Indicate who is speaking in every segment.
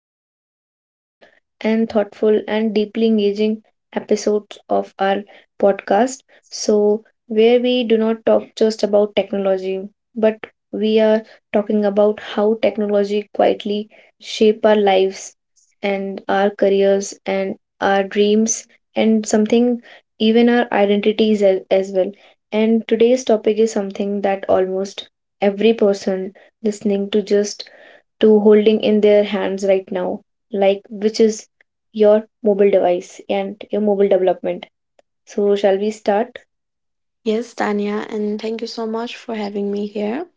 Speaker 1: to another powerful and thoughtful and deeply engaging episode of our podcast. So, where we do not talk just about technology, but we are talking about how technology quietly shape our lives and our careers and our dreams and something even our identities as well. And today's topic is something that almost every person listening to just to holding in their hands right now, like which is your mobile device and your mobile development. So, shall we start?
Speaker 2: Yes, Tanya, and thank you so much for having me here.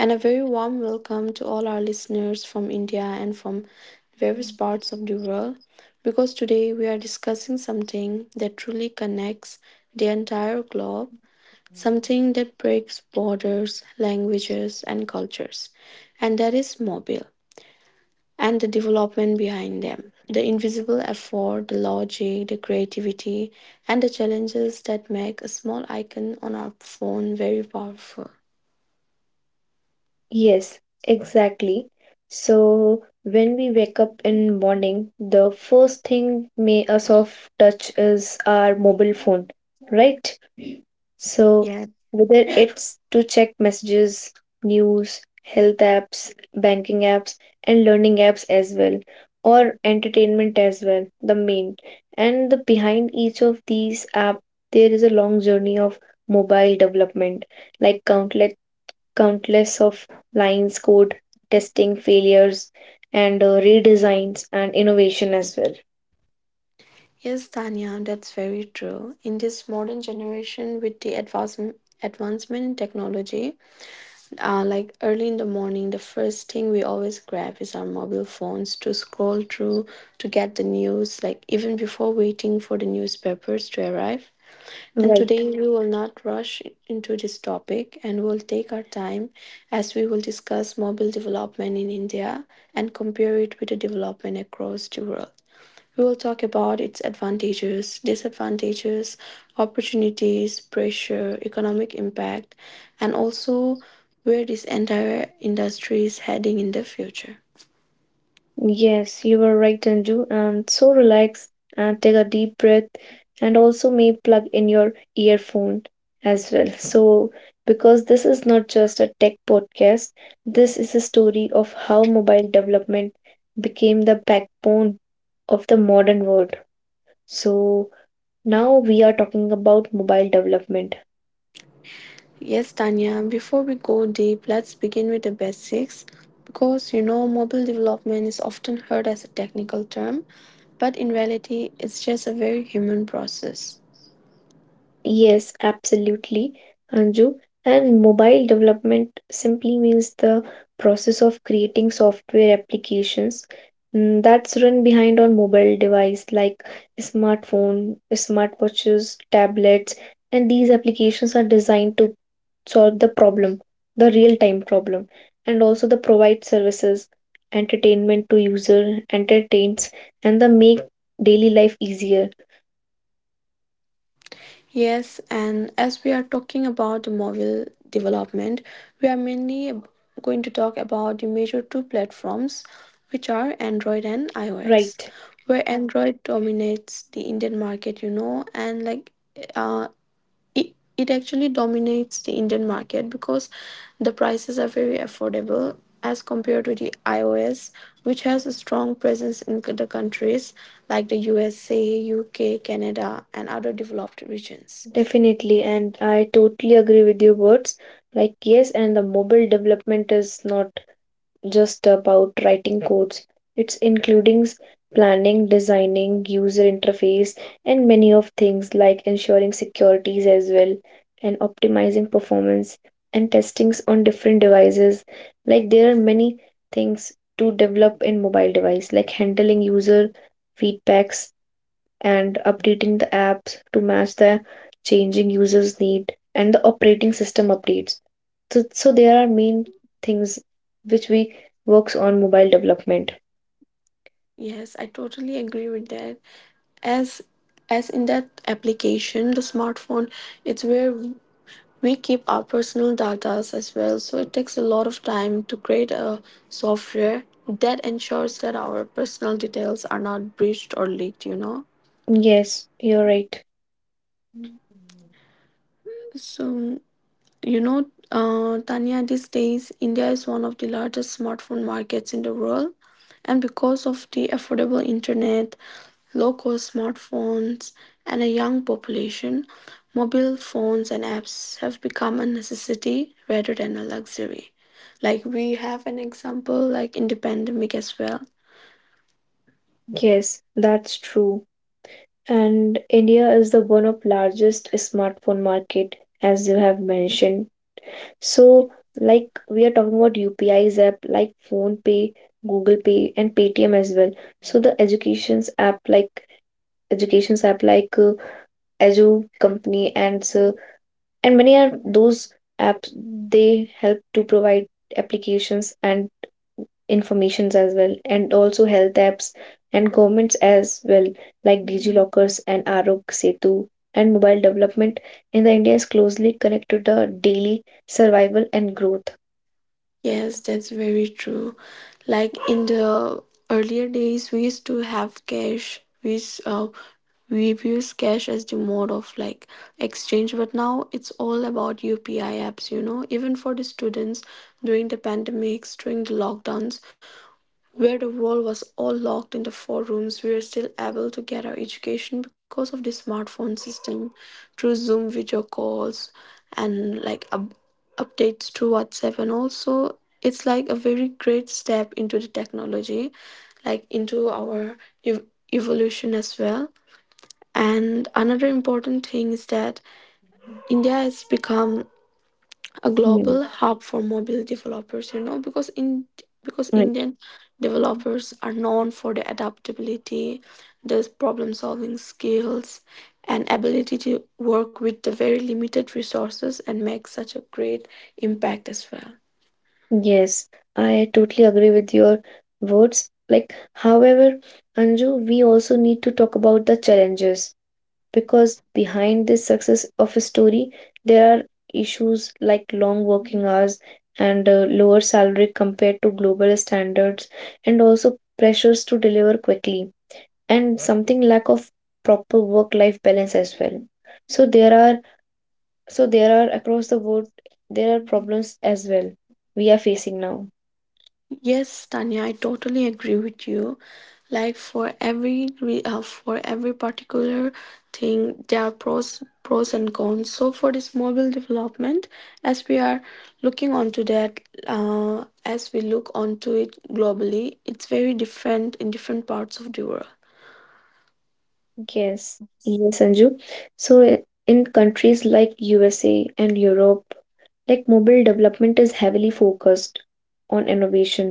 Speaker 2: And a very warm welcome to all our listeners from India and from various parts of the world because today we are discussing something that truly connects the entire globe, something that breaks borders, languages, and cultures, and that is mobile and the development behind them. The invisible effort, the logic, the creativity, and the challenges that make a small icon on our phone very powerful.
Speaker 1: Yes, exactly. So when we wake up in morning, the first thing may a soft touch is our mobile phone, right? So,
Speaker 2: Yeah.
Speaker 1: whether it's to check messages, news, health apps, banking apps, and learning apps as well, or entertainment as well, the main. And the behind each of these app, there is a long journey of mobile development, like countless of lines code, testing failures, and redesigns and innovation as well.
Speaker 2: Yes, Tanya, that's very true. In this modern generation, with the advancement in technology, like early in the morning, the first thing we always grab is our mobile phones to scroll through to get the news, like even before waiting for the newspapers to arrive. And
Speaker 1: Right.
Speaker 2: today we will not rush into this topic and will take our time as we will discuss mobile development in India and compare it with the development across the world. We will talk about its advantages, disadvantages, opportunities, pressure, economic impact, and also where this entire industry is heading in the future.
Speaker 1: Yes, you were right, Anju. And so relax and take a deep breath, and also may plug in your earphone as well. So, because this is not just a tech podcast, this is a story of how mobile development became the backbone of the modern world. So, now we are talking about mobile development.
Speaker 2: Yes, Tanya, before we go deep, let's begin with the basics because you know mobile development is often heard as a technical term, but in reality, it's just a very human process.
Speaker 1: Yes, absolutely, Anju. And mobile development simply means the process of creating software applications that's run behind on mobile device like smartphone, smartwatches, tablets, and these applications are designed to solve the problem, the real-time problem, and also the provide services, entertainment to user, entertains, and the make daily life easier,
Speaker 2: Yes, and as we are talking about the mobile development, we are mainly going to talk about the major two platforms, which are Android and iOS,
Speaker 1: right?
Speaker 2: where Android dominates the Indian market, you know, and like uh, it actually dominates the Indian market because the prices are very affordable as compared to the iOS, which has a strong presence in the countries like the USA, UK, Canada, and other developed regions.
Speaker 1: Definitely, and I totally agree with your words. Like, yes, and the mobile development is not just about writing codes, it's including planning, designing, user interface, and many of things like ensuring securities as well, and optimizing performance and testings on different devices. Like, there are many things to develop in mobile device, like handling user feedbacks and updating the apps to match the changing users need and the operating system updates so, so there are main things which we works on mobile development.
Speaker 2: Yes, I totally agree with that. As as in that application, the smartphone, it's where we keep our personal data as well, so it takes a lot of time to create a software that ensures that our personal details are not breached or leaked, you know.
Speaker 1: Yes you're right.
Speaker 2: So you know, Tanya, these days, India is one of the largest smartphone markets in the world. And because of the affordable internet, low cost smartphones, and a young population, mobile phones and apps have become a necessity rather than a luxury. Like we have an example, like in the pandemic as well.
Speaker 1: Yes, that's true, and India is the one of largest smartphone market as you have mentioned. So like we are talking about UPIs app like Phone Pay, Google Pay, and Paytm as well. So the educations app like educations app like uh, Edu Company and many are those apps, they help to provide applications and informations as well, and also health apps and governments as well, like DigiLockers and Arog Setu. And mobile development in the India is closely connected to the daily survival and growth.
Speaker 2: Yes, that's very true. Like in the earlier days, we used to have cash. We use cash as the mode of like exchange, but now it's all about UPI apps. You know, even for the students during the pandemics, during the lockdowns, where the world was all locked into four rooms, we were still able to get our education because of the smartphone system through Zoom video calls and updates through WhatsApp. And also, it's like a very great step into the technology, like into our ev- evolution as well. And another important thing is that India has become a
Speaker 1: Hmm.
Speaker 2: global hub for mobile developers, you know, because
Speaker 1: Right.
Speaker 2: Indian developers are known for their adaptability, their problem solving skills, and ability to work with the very limited resources and make such a great impact as well.
Speaker 1: Yes, I totally agree with your words. Like, however, Anju, we also need to talk about the challenges, because behind this success of a story there are issues like long working hours and lower salary compared to global standards, and also pressures to deliver quickly, and something lack of proper work life balance as well. So there are, so there are across the board, there are problems as well we are facing now.
Speaker 2: Yes, Tanya, I totally agree with you. Like for every particular thing, there are pros and cons. So for this mobile development, as we are looking onto that, as we look onto it globally, it's very different in different parts of the world.
Speaker 1: Yes, yes, Sanju. So in countries like USA and Europe, like mobile development is heavily focused on innovation.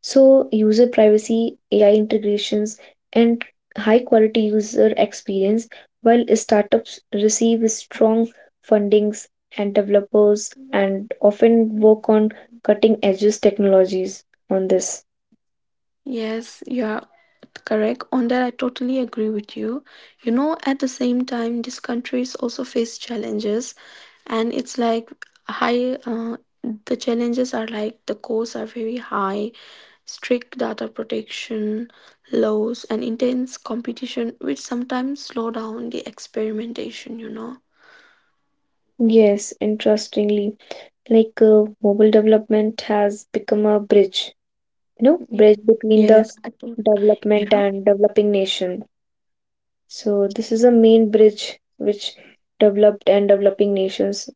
Speaker 1: So, user privacy, AI integrations, and high quality user experience, while startups receive strong fundings, and developers and often work on cutting edges technologies on this.
Speaker 2: Yes, you're correct. On that, I totally agree with you. You know, at the same time, these countries also face challenges, and it's like high, uh, the challenges are like the costs are very high, strict data protection laws, and intense competition, which sometimes slow down the experimentation, you know.
Speaker 1: Yes, interestingly, mobile development has become a bridge, you know,
Speaker 2: Ye-
Speaker 1: bridge between the
Speaker 2: Yes, I think,
Speaker 1: development
Speaker 2: yeah.
Speaker 1: and developing nation. So this is a main bridge which developed and developing nations,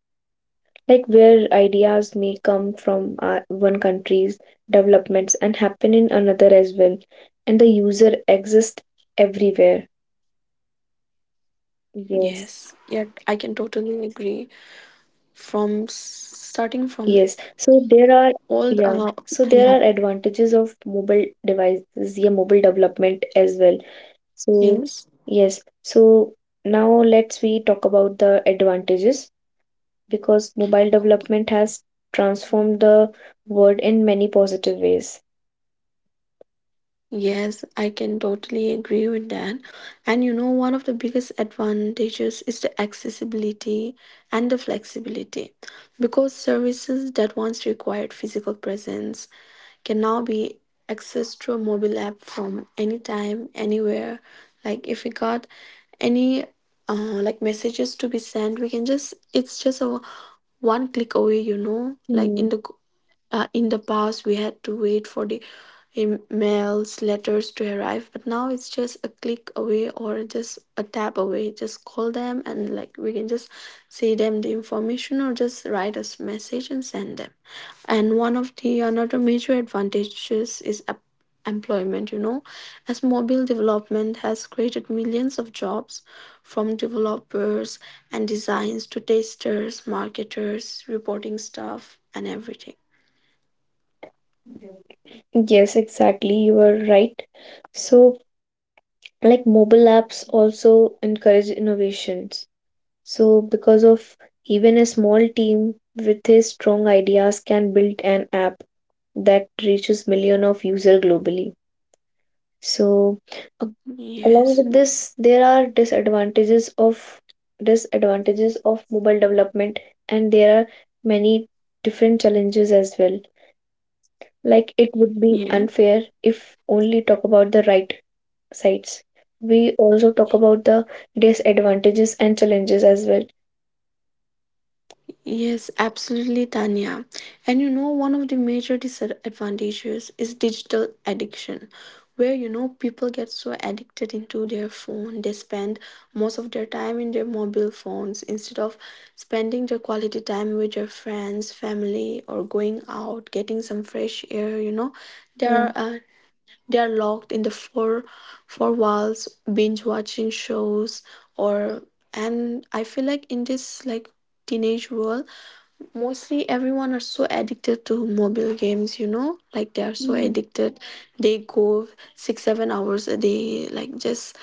Speaker 1: like where ideas may come from one country's developments and happen in another as well, and the user exists everywhere.
Speaker 2: Yes,
Speaker 1: Yes,
Speaker 2: yeah, I can totally agree. From s- Starting from
Speaker 1: yes. So there are,
Speaker 2: all the,
Speaker 1: yeah, so there
Speaker 2: yeah,
Speaker 1: are advantages of mobile devices, yeah, mobile development as well. So yes.
Speaker 2: yes,
Speaker 1: So now let's we talk about the advantages, because mobile development has transformed the world in many positive ways.
Speaker 2: yes, I can totally agree with that. And you know, one of the biggest advantages is the accessibility and the flexibility because services that once required physical presence can now be accessed through a mobile app from anytime, anywhere. Like if we got any uh, like messages to be sent, we can just it's just a one click away, you know, like in
Speaker 1: Mm.
Speaker 2: the In the past, we had to wait for the emails, letters to arrive, but now it's just a click away or just a tap away. Just call them and like we can just see them the information or just write a message and send them. And one of the another major advantages is employment, you know, as mobile development has created millions of jobs from developers and designs to testers, marketers, reporting staff, and everything.
Speaker 1: Yes, exactly. You are right. So, like mobile apps also encourage innovations. So, because of even a small team with his strong ideas can build an app that reaches million of user globally. So,
Speaker 2: Yes,
Speaker 1: along with this, there are disadvantages of mobile development, and there are many different challenges as well. Like it would be
Speaker 2: yes,
Speaker 1: unfair if only talk about the right sides. We also talk about the disadvantages and challenges as well.
Speaker 2: yes, absolutely, Tanya. And you know, one of the major disadvantages is digital addiction, where you know people get so addicted into their phone, they spend most of their time in their mobile phones instead of spending their quality time with their friends, family, or going out, getting some fresh air. You know, they are
Speaker 1: True.
Speaker 2: uh, they are locked in the four walls, binge watching shows or, and I feel like in this like teenage world, mostly everyone are so addicted to mobile games, you know? Like they are so
Speaker 1: Mm.
Speaker 2: addicted. They go 6, 7 hours a day, like just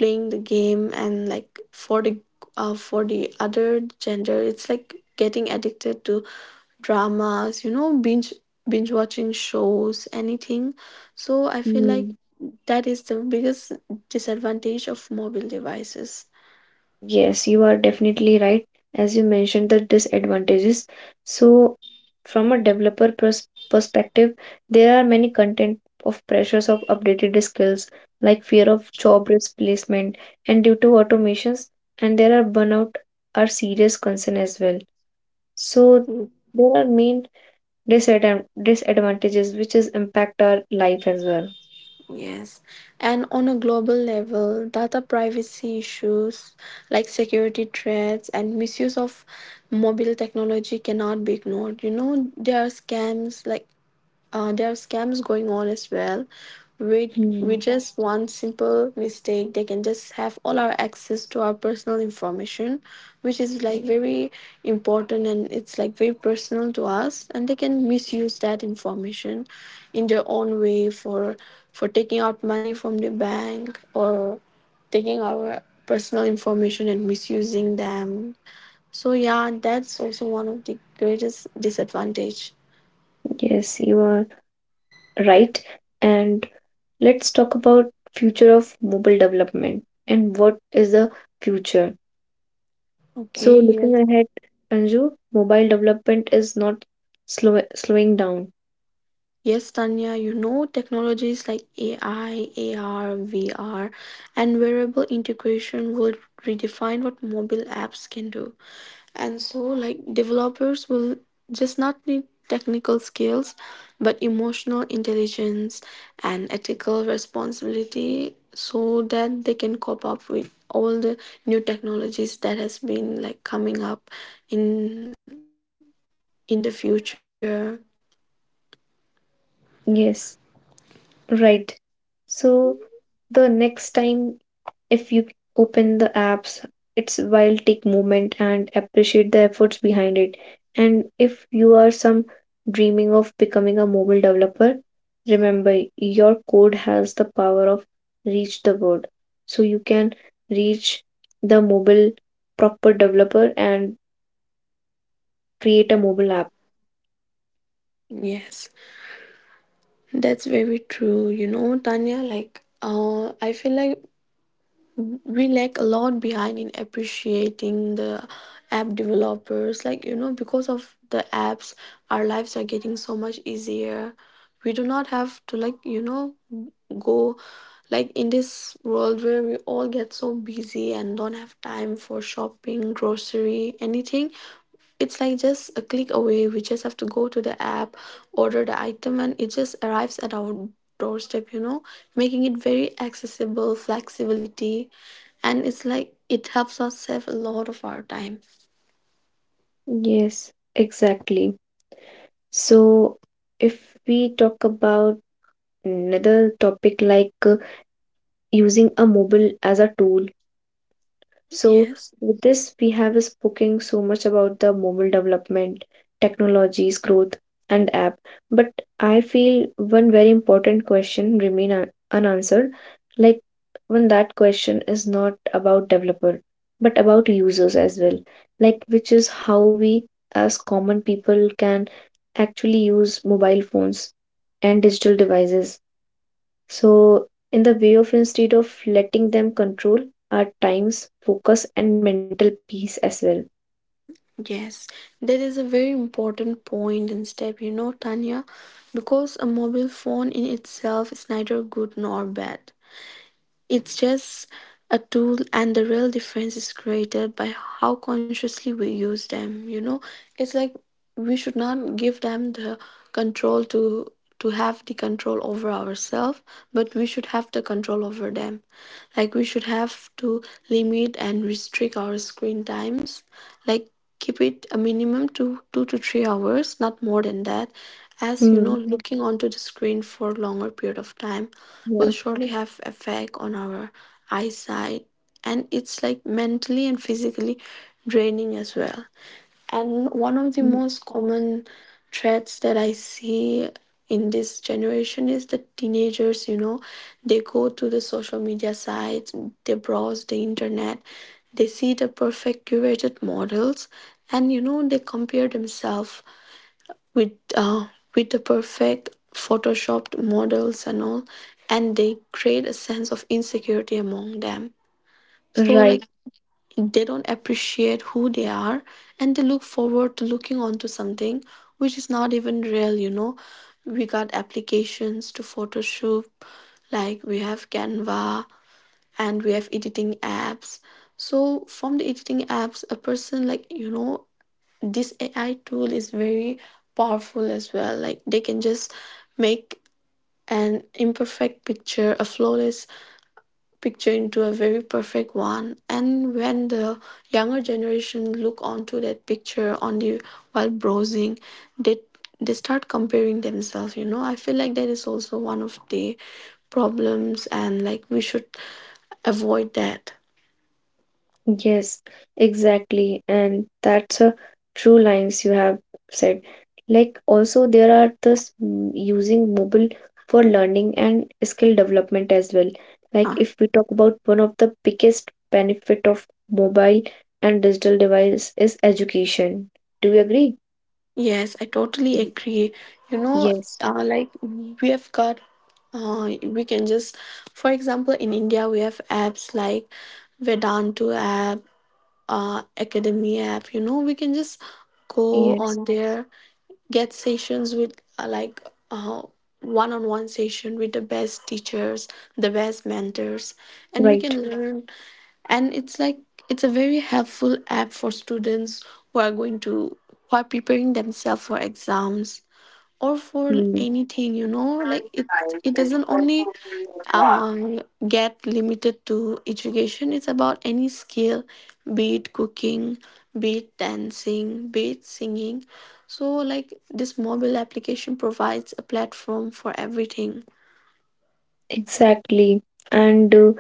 Speaker 2: playing the game and like for the other gender it's like getting addicted to dramas, you know, binge watching shows, anything. So I feel like
Speaker 1: Hmm.
Speaker 2: that is the biggest disadvantage of mobile devices.
Speaker 1: Yes, you are definitely right. As you mentioned, the disadvantages. So, from a developer perspective, there are many content of pressures of updated skills, like fear of job replacement, and due to automations, and there are burnout are serious concern as well. So, there are main disadvantages which is impact our life as well.
Speaker 2: Yes, and on a global level data privacy issues like security threats and misuse of mobile technology cannot be ignored. You know there are scams like there are scams going on as well. With
Speaker 1: Hmm.
Speaker 2: with just one simple mistake, they can just have all our access to our personal information, which is like very important and it's like very personal to us. And they can misuse that information in their own way for taking out money from the bank or taking our personal information and misusing them. So yeah, that's also one of the greatest disadvantage.
Speaker 1: Yes, you are right, and let's talk about future of mobile development and what is the future. So
Speaker 2: Okay, yeah.
Speaker 1: looking ahead, Anju, mobile development is not slowing down.
Speaker 2: Yes, Tanya, you know, technologies like AI, AR, VR, and wearable integration will redefine what mobile apps can do. And so, like, developers will just not need technical skills, but emotional intelligence and ethical responsibility so that they can cope up with all the new technologies that has been like coming up in in the future.
Speaker 1: Yes, right. So the next time if you open the apps, it's while take moment and appreciate the efforts behind it. And if you are some dreaming of becoming a mobile developer, remember your code has the power of reach the world. So you can reach the mobile proper developer and create a mobile app.
Speaker 2: Yes. That's very true, you know, Tanya. Like, I feel like we lag a lot behind in appreciating the app developers. Like, you know, because of the apps, our lives are getting so much easier. We do not have to, like, you know, go like in this world where we all get so busy and don't have time for shopping, grocery, anything, it's like just a click away. We just have to go to the app, order the item, and it just arrives at our doorstep, you know, making it very accessible, flexibility, and it's like it helps us save a lot of our time.
Speaker 1: Yes, exactly. So if we talk about another topic, using a mobile as a tool. So,
Speaker 2: Yes,
Speaker 1: with this, we have spoken so much about the mobile development, technologies, growth, and app. But I feel one very important question remain unanswered. Like when that question is not about developer, but about users as well. Like which is how we as common people can actually use mobile phones and digital devices, so, in the way of instead of letting them control our times, focus, and mental peace as well.
Speaker 2: yes, that is a very important point and step, you know, Tanya, because a mobile phone in itself is neither good nor bad. It's just a tool, and the real difference is created by how consciously we use them. You know, it's like we should not give them the control to have the control over ourselves, but we should have the control over them. Like we should have to limit and restrict our screen times, like keep it a minimum to 2 to 3 hours, not more than that, as you
Speaker 1: Hmm.
Speaker 2: know looking onto the screen for a longer period of time
Speaker 1: Yeah.
Speaker 2: will surely have effect on our eyesight and it's like mentally and physically draining as well. And one of the
Speaker 1: Mm.
Speaker 2: most common threats that I see in this generation is the teenagers, you know, they go to the social media sites, they browse the internet, they see the perfect curated models, and you know, they compare themselves with uh, with the perfect photoshopped models and all, and they create a sense of insecurity among them. So
Speaker 1: Right.
Speaker 2: like they don't appreciate who they are and they look forward to looking onto something which is not even real. You know, we got applications to photoshop, like we have Canva and we have editing apps. So from the editing apps a person, like, you know, this AI tool is very powerful as well. Like they can just make an imperfect picture a flawless picture into a very perfect one, and when the younger generation look onto that picture on the while browsing, they they start comparing themselves. You know, I feel like that is also one of the problems and like we should avoid that.
Speaker 1: Yes. Exactly. And that's a true lines you have said. Like also there are this using mobile for learning and skill development as well. Like
Speaker 2: Huh.
Speaker 1: if we talk about one of the biggest benefit of mobile and digital device is education. Do you agree?
Speaker 2: Yes, I totally
Speaker 1: Mm.
Speaker 2: agree. you know
Speaker 1: Yes.
Speaker 2: uh, like we have got we can just, for example, in India we have apps like Vedantu app, Academy app. We can just go
Speaker 1: Yes.
Speaker 2: on there, get sessions with uh, like uh, one-on-one session with the best teachers, the best mentors, and we
Speaker 1: Right.
Speaker 2: can learn. And it's like it's a very helpful app for students who are going to, who are preparing themselves for exams or for
Speaker 1: Mm.
Speaker 2: anything, you know. Like it doesn't only um, get limited to education. It's about any skill, be it cooking, be it dancing, be it singing. So, like, this mobile application provides a platform for everything.
Speaker 1: Exactly. And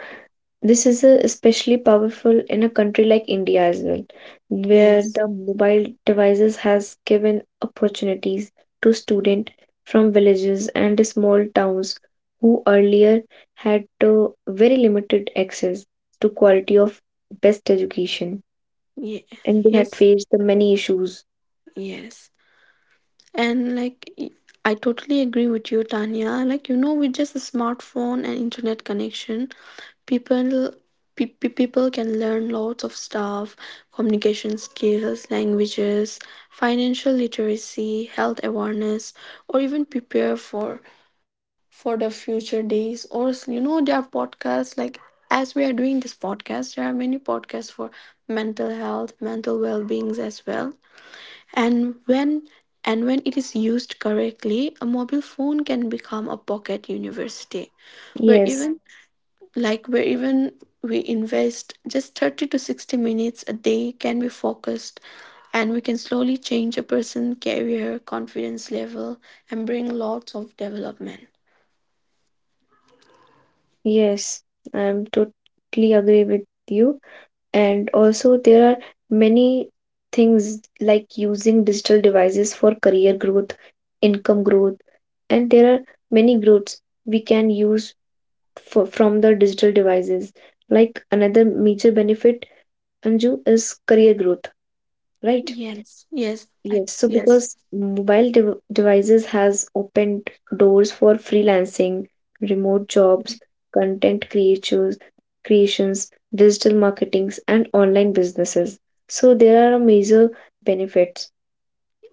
Speaker 1: this is especially powerful in a country like India as well, where
Speaker 2: Yes.
Speaker 1: the mobile devices has given opportunities to students from villages and small towns who earlier had very limited access to quality of best education,
Speaker 2: Yeah.
Speaker 1: and they had
Speaker 2: Yes.
Speaker 1: faced the many issues.
Speaker 2: Yes. And like y- I totally agree with you, Tanya. Like you know, with just a smartphone and internet connection, people people can learn lots of stuff, communication skills, languages, financial literacy, health awareness, or even prepare for the future days you know, there are podcasts like, as we are doing this podcast, there are many podcasts for mental health, mental well-beings as well. And when, and when it is used correctly, a mobile phone can become a pocket university where
Speaker 1: Yes,
Speaker 2: even, like where even we invest just 30 to 60 minutes a day, can be focused, and we can slowly change a person's career confidence level and bring lots of development.
Speaker 1: yes, I'm totally agree with you. And also there are many things like using digital devices for career growth, income growth, and there are many growths we can use for, from the digital devices. Like another major benefit, Anju, is career growth, right? Yes, so
Speaker 2: Yes.
Speaker 1: because mobile devices has opened doors for freelancing, remote jobs, content creators, creations, digital marketings, and online businesses. So there are major benefits.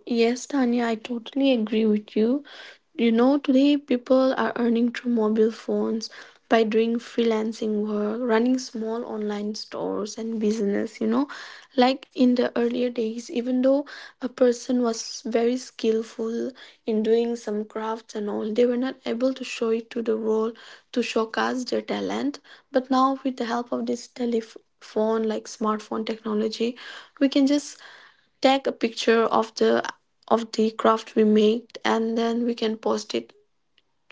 Speaker 2: Yes, Tanya, I totally agree with you. You know, today people are earning through mobile phones by doing freelancing work, running small online stores and business, you know. Like in the earlier days, even though a person was very skillful in doing some crafts and all, they were not able to show it to the world, to showcase their talent. But now, with the help of this telephone, like smartphone technology, we can just take a picture of the, of the craft we made, and then we can post it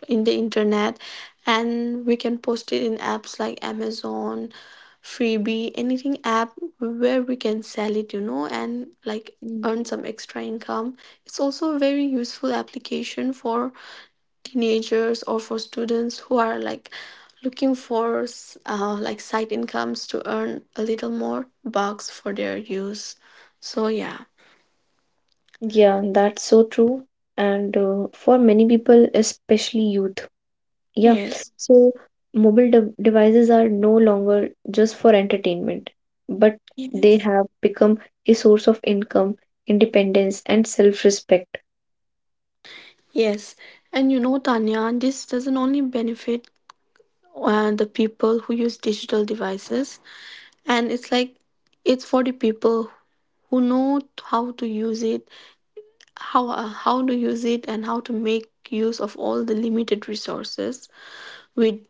Speaker 2: in the internet, and we can post it in apps like Amazon, Freebie, anything app, where we can sell it, you know, and like
Speaker 1: Mm.
Speaker 2: earn some extra income. It's also a very useful application for teenagers or for students who are like looking for like side incomes to earn a little more bucks for their use. So yeah.
Speaker 1: Yeah, that's so true. And for many people, especially youth. Yeah.
Speaker 2: Yes.
Speaker 1: So mobile devices are no longer just for entertainment, but they
Speaker 2: Yes.
Speaker 1: have become a source of income, independence, and self-respect.
Speaker 2: Yes. And you know, Tanya, this doesn't only benefit the people who use digital devices, and it's like it's for the people who know how to use it, how, how to use it, and how to make use of all the limited resources, with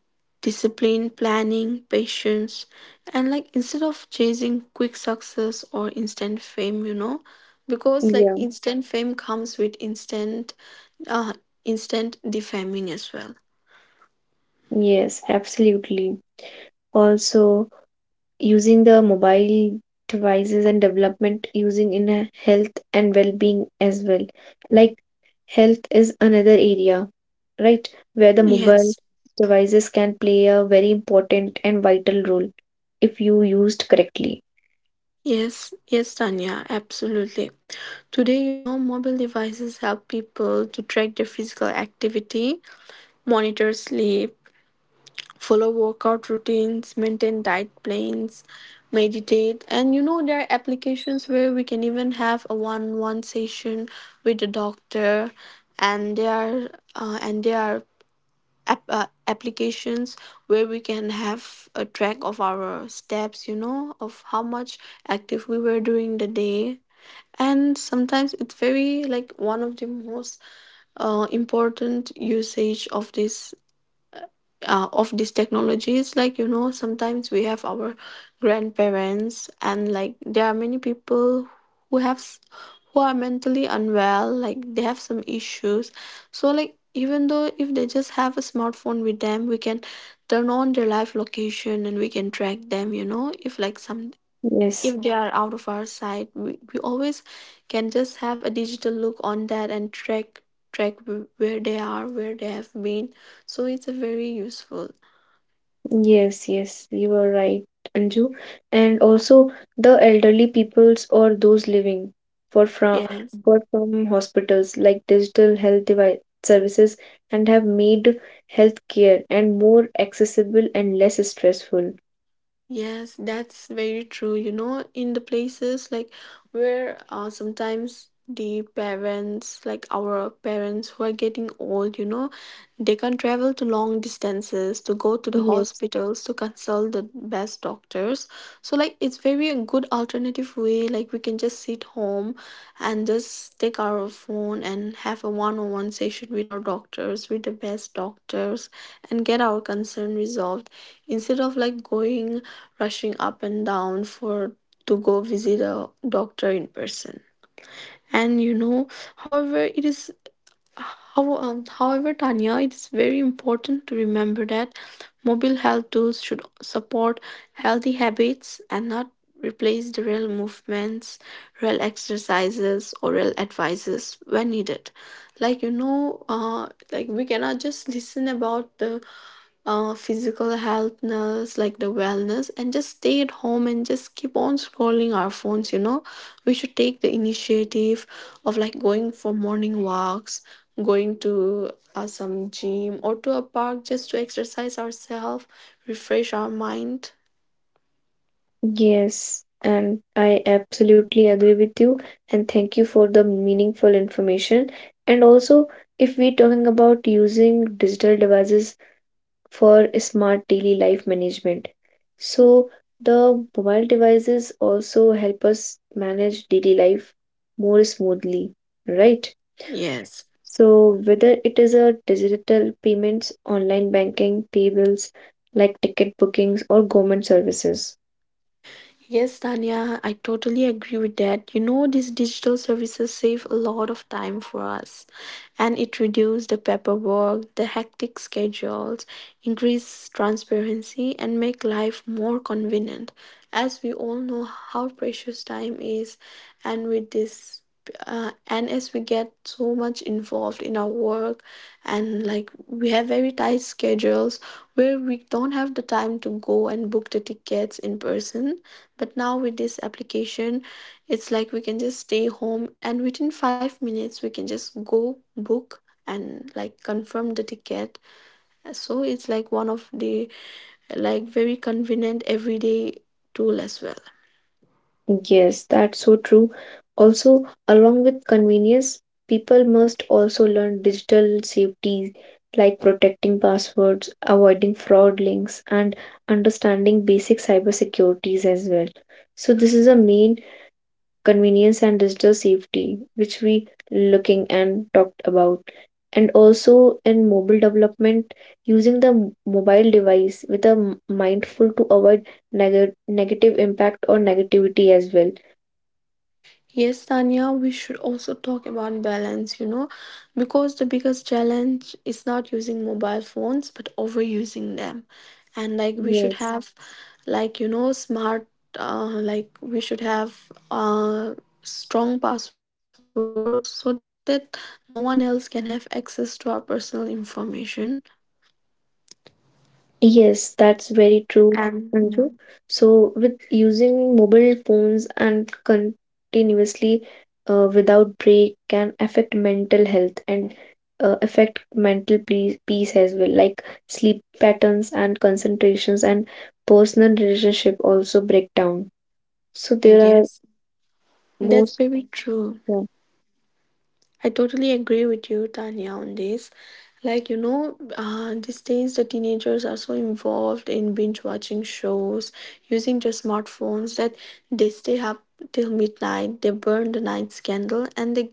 Speaker 2: discipline, planning, patience, and like, instead of chasing quick success or instant fame, you know, because like
Speaker 1: Yeah.
Speaker 2: instant fame comes with instant, uh, instant defaming as well.
Speaker 1: Yes, absolutely. Also, using the mobile devices and development using in a health and well-being as well. Like health is another area, right, where the mobile
Speaker 2: Yes,
Speaker 1: devices can play a very important and vital role if you used correctly.
Speaker 2: yes, Tanya, absolutely. Today, you know, mobile devices help people to track their physical activity, monitor sleep, follow workout routines, maintain diet plans, meditate, and you know there are applications where we can even have a one-on-one session with the doctor, and there are, and there are applications where we can have a track of our steps, you know, of how much active we were during the day. And sometimes it's very like one of the most important usage of this, of these technologies. Like you know, sometimes we have our grandparents, and like there are many people who have s- who are mentally unwell, like they have some issues. So like, even though if they just have a smartphone with them, we can turn on their live location and we can track them, you know. If like some,
Speaker 1: Yes.
Speaker 2: if they are out of our sight, we always can just have a digital look on that and track, where they are, where they have been. So it's a very useful.
Speaker 1: Yes, yes, you are right, Anju. And also the elderly peoples or those living for from
Speaker 2: Yes,
Speaker 1: for from hospitals like digital health device services and have made healthcare and more accessible and less stressful.
Speaker 2: yes, that's very true. You know, in the places like where, sometimes the parents, like our parents who are getting old, you know, they can travel to long distances to go to the
Speaker 1: Yes.
Speaker 2: hospitals to consult the best doctors. So like, it's very a good alternative way. Like we can just sit home and just take our phone and have a one-on-one session with our doctors, with the best doctors, and get our concern resolved instead of like going, rushing up and down for, to go visit a doctor in person. And you know, however, it is how, however, Tanya, it is very important to remember that mobile health tools should support healthy habits and not replace the real movements, real exercises, or real advices when needed. Like you know, like we cannot just listen about the physical healthness, like the wellness, and just stay at home and just keep on scrolling our phones. You know, we should take the initiative of like going for morning walks, going to some gym or to a park just to exercise ourselves, refresh our mind.
Speaker 1: Yes, and I absolutely agree with you, and thank you for the meaningful information. And also if we talking about using digital devices for smart daily life management. So, the mobile devices also help us manage daily life more smoothly, right?
Speaker 2: Yes.
Speaker 1: So, whether it is a digital payments, online banking, tables like ticket bookings, or government services.
Speaker 2: Yes, Tanya, I totally agree with that. You know, these digital services save a lot of time for us, and it reduces the paperwork, the hectic schedules, increase transparency and make life more convenient. As we all know how precious time is, and with this, and as we get so much involved in our work, and like we have very tight schedules where we don't have the time to go and book the tickets in person. But now with this application, it's like we can just stay home and within 5 minutes we can just go book and like confirm the ticket. So it's like one of the, like, very convenient everyday tool as well.
Speaker 1: Yes, that's so true. Also, along with convenience, people must also learn digital safety like protecting passwords, avoiding fraud links, and understanding basic cybersecurities as well. So this is a main convenience and digital safety which we looking and talked about. And also in mobile development, using the mobile device with a mindful to avoid negative impact or negativity as well.
Speaker 2: Yes, Tanya, we should also talk about balance, you know, because the biggest challenge is not using mobile phones but overusing them. And like we should
Speaker 1: Yes,
Speaker 2: have, like you know, smart, like we should have strong passwords so that no one else can have access to our personal information.
Speaker 1: yes, that's
Speaker 2: And
Speaker 1: very
Speaker 2: yeah.
Speaker 1: true, Anju. So, with using mobile phones and continuously without break can affect mental health, and affect mental peace as well, like sleep patterns and concentrations, and personal relationship also break down. So there are
Speaker 2: Yes, that's
Speaker 1: most,
Speaker 2: very true.
Speaker 1: yeah,
Speaker 2: I totally agree with you, Tanya, on this. Like, you know, these days the teenagers are so involved in binge watching shows, using their smartphones, that they stay up till midnight, they burn the night's candle, and they,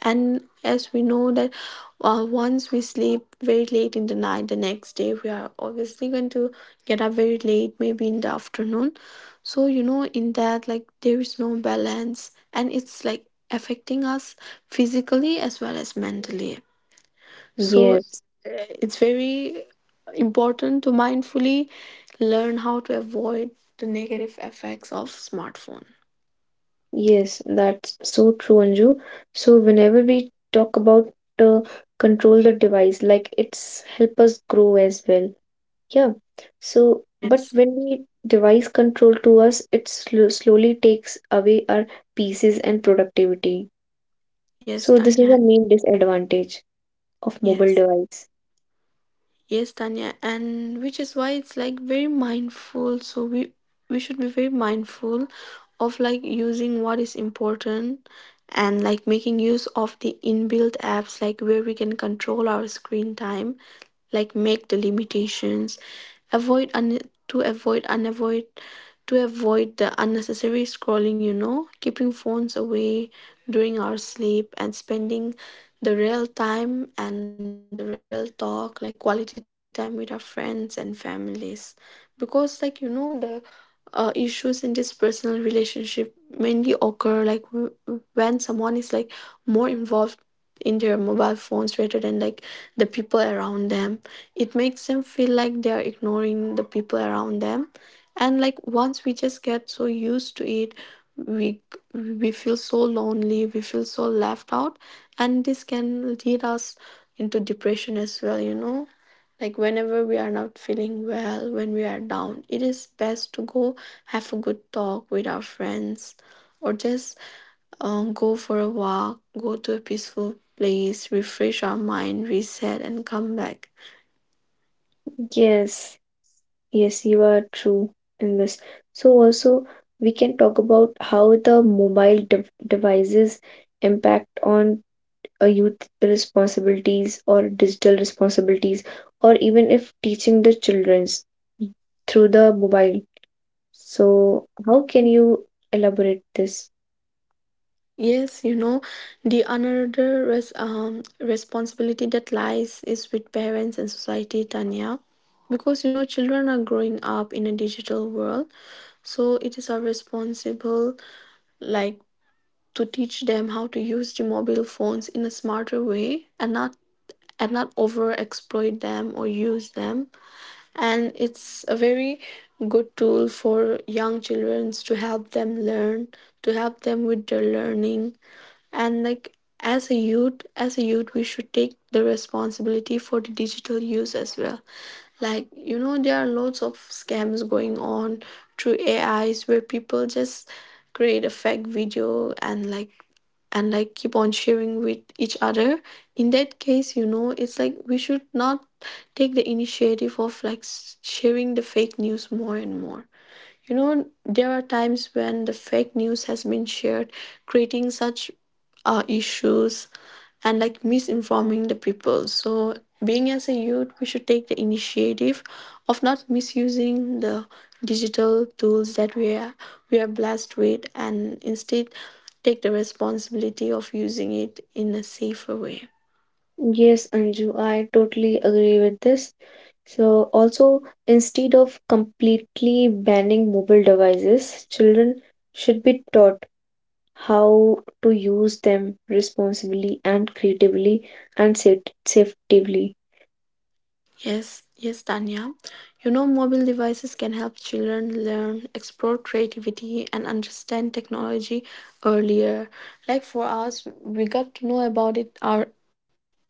Speaker 2: and as we know that once we sleep very late in the night, the next day we are obviously going to get up very late, maybe in the afternoon. So, you know, in that, like, there is no balance, and it's like affecting us physically as well as mentally. So
Speaker 1: yes.
Speaker 2: it's very important to mindfully learn how to avoid the negative effects of smartphone.
Speaker 1: Yes, that's so true, Anju. So whenever we talk about uh, control the device, like it's help us grow as well. Yeah. So, but
Speaker 2: Yes.
Speaker 1: when we device control to us, it sl slowly takes away our pieces and productivity.
Speaker 2: Yes,
Speaker 1: So this is
Speaker 2: Tanya.
Speaker 1: the main disadvantage of mobile
Speaker 2: Yes.
Speaker 1: device.
Speaker 2: Yes, Tanya. And which is why it's like very mindful. So we should be very mindful of like using what is important, and like making use of the inbuilt apps like where we can control our screen time, like make the limitations, avoid un- to avoid unavoid to avoid the unnecessary scrolling, you know, keeping phones away during our sleep, and spending the real time and the real talk, like quality time with our friends and families. Because like, you know, the issues in this personal relationship mainly occur when someone is like more involved in their mobile phones rather than like the people around them. It makes them feel like they are ignoring the people around them, and like once we just get so used to it, we we feel so lonely, we feel so left out, and this can lead us into depression as well. You know, like whenever we are not feeling well, when we are down, it is best to go have a good talk with our friends, or just go for a walk, go to a peaceful place, refresh our mind, reset, and come back.
Speaker 1: Yes, yes, you are true in this. So also we can talk about how the mobile devices impact on a youth responsibilities or digital responsibilities or even if teaching the children's through the mobile. So how can you elaborate this?
Speaker 2: Yes, you know, the another responsibility that lies is with parents and society, Tanya, because you know children are growing up in a digital world, so it is our responsible, like, to teach them how to use the mobile phones in a smarter way, and not, and not over exploit them or use them. And it's a very good tool for young children to help them learn, to help them with their learning. And like, as a youth, as a youth we should take the responsibility for the digital use as well. Like you know, there are lots of scams going on through AIs where people just create a fake video, and like, and like keep on sharing with each other. In that case, you know, it's like we should not take the initiative of sharing the fake news more and more. You know, there are times when the fake news has been shared, creating such issues and like misinforming the people. So, being as a youth, we should take the initiative of not misusing the digital tools that we are, we are blessed with, and instead take the responsibility of using it in a safer way.
Speaker 1: Yes, Anju, I totally agree with this. So also instead of completely banning mobile devices, children should be taught how to use them responsibly and creatively and safely.
Speaker 2: Yes, Tanya. You know, mobile devices can help children learn, explore creativity, and understand technology earlier. Like for us, we got to know about it our,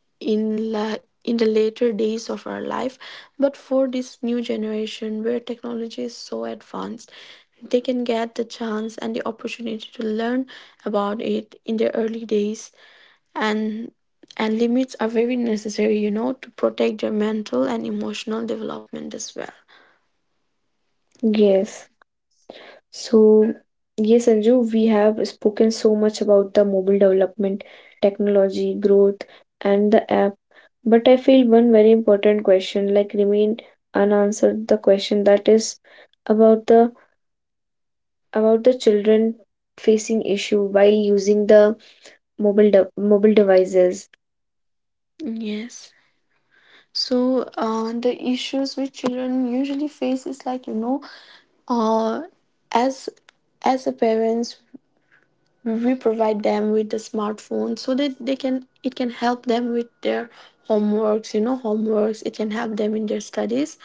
Speaker 2: in the later days of our life. But for this new generation, where technology is so advanced, they can get the chance and the opportunity to learn about it in their early days. and and limits are very necessary, you know, to protect your mental and emotional development as well.
Speaker 1: Yes. So, yes, Anju, we have spoken so much about the mobile development, technology, growth, and the app. But I feel one very important question like remain unanswered, the question that is about the about the children facing issue while using the mobile devices.
Speaker 2: Yes. So the issues which children usually face is like, you know, uh, as as a parents we provide them with the smartphone so that they can, it can help them with their homeworks, you know, homeworks, it can help them in their studies.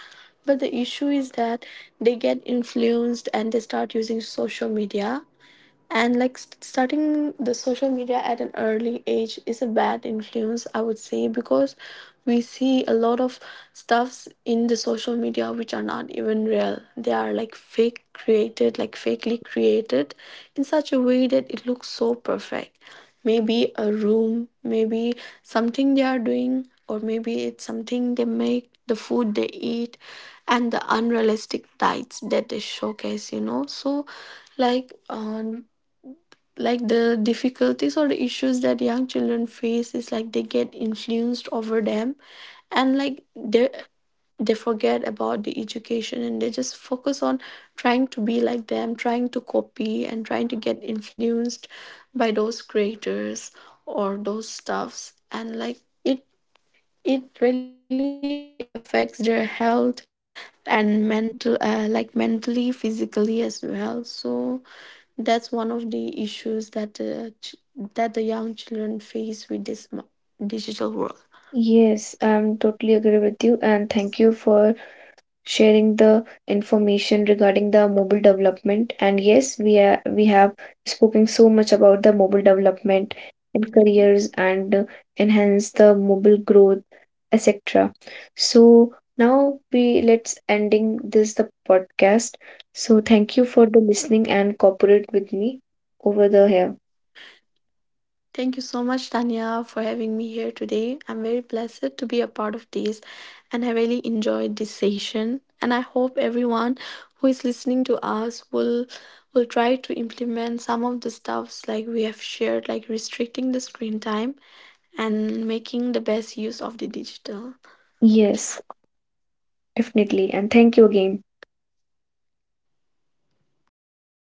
Speaker 2: But the issue is that they get influenced and they start using social media, and like, starting the social media at an early age is a bad influence, I would say, because we see a lot of stuffs in the social media which are not even real. They are like fake created, like fakely created in such a way that it looks so perfect, maybe a room, maybe something they are doing, or maybe it's something, they make the food they eat, and the unrealistic diets that they showcase, you know. So like um like the difficulties or the issues that young children face is like they get influenced over them, and like they forget about the education and they just focus on trying to be like them, trying to copy and trying to get influenced by those creators or those stuffs. And like it it really affects their health and mental, like mentally, physically as well. So that's one of the issues that the ch- that the young children face with this digital world.
Speaker 1: Yes, I'm totally agree with you, and thank you for sharing the information regarding the mobile development. And yes, we are, we have spoken so much about the mobile development and careers and enhance the mobile growth, etc. So now we let's ending this the podcast. So thank you for the listening and cooperate with me over the here.
Speaker 2: Thank you so much, Tanya, for having me here today. I'm very blessed to be a part of this, and I really enjoyed this session. And I hope everyone who is listening to us will try to implement some of the stuffs like we have shared, like restricting the screen time and making the best use of the digital.
Speaker 1: Yes, definitely. And thank you again.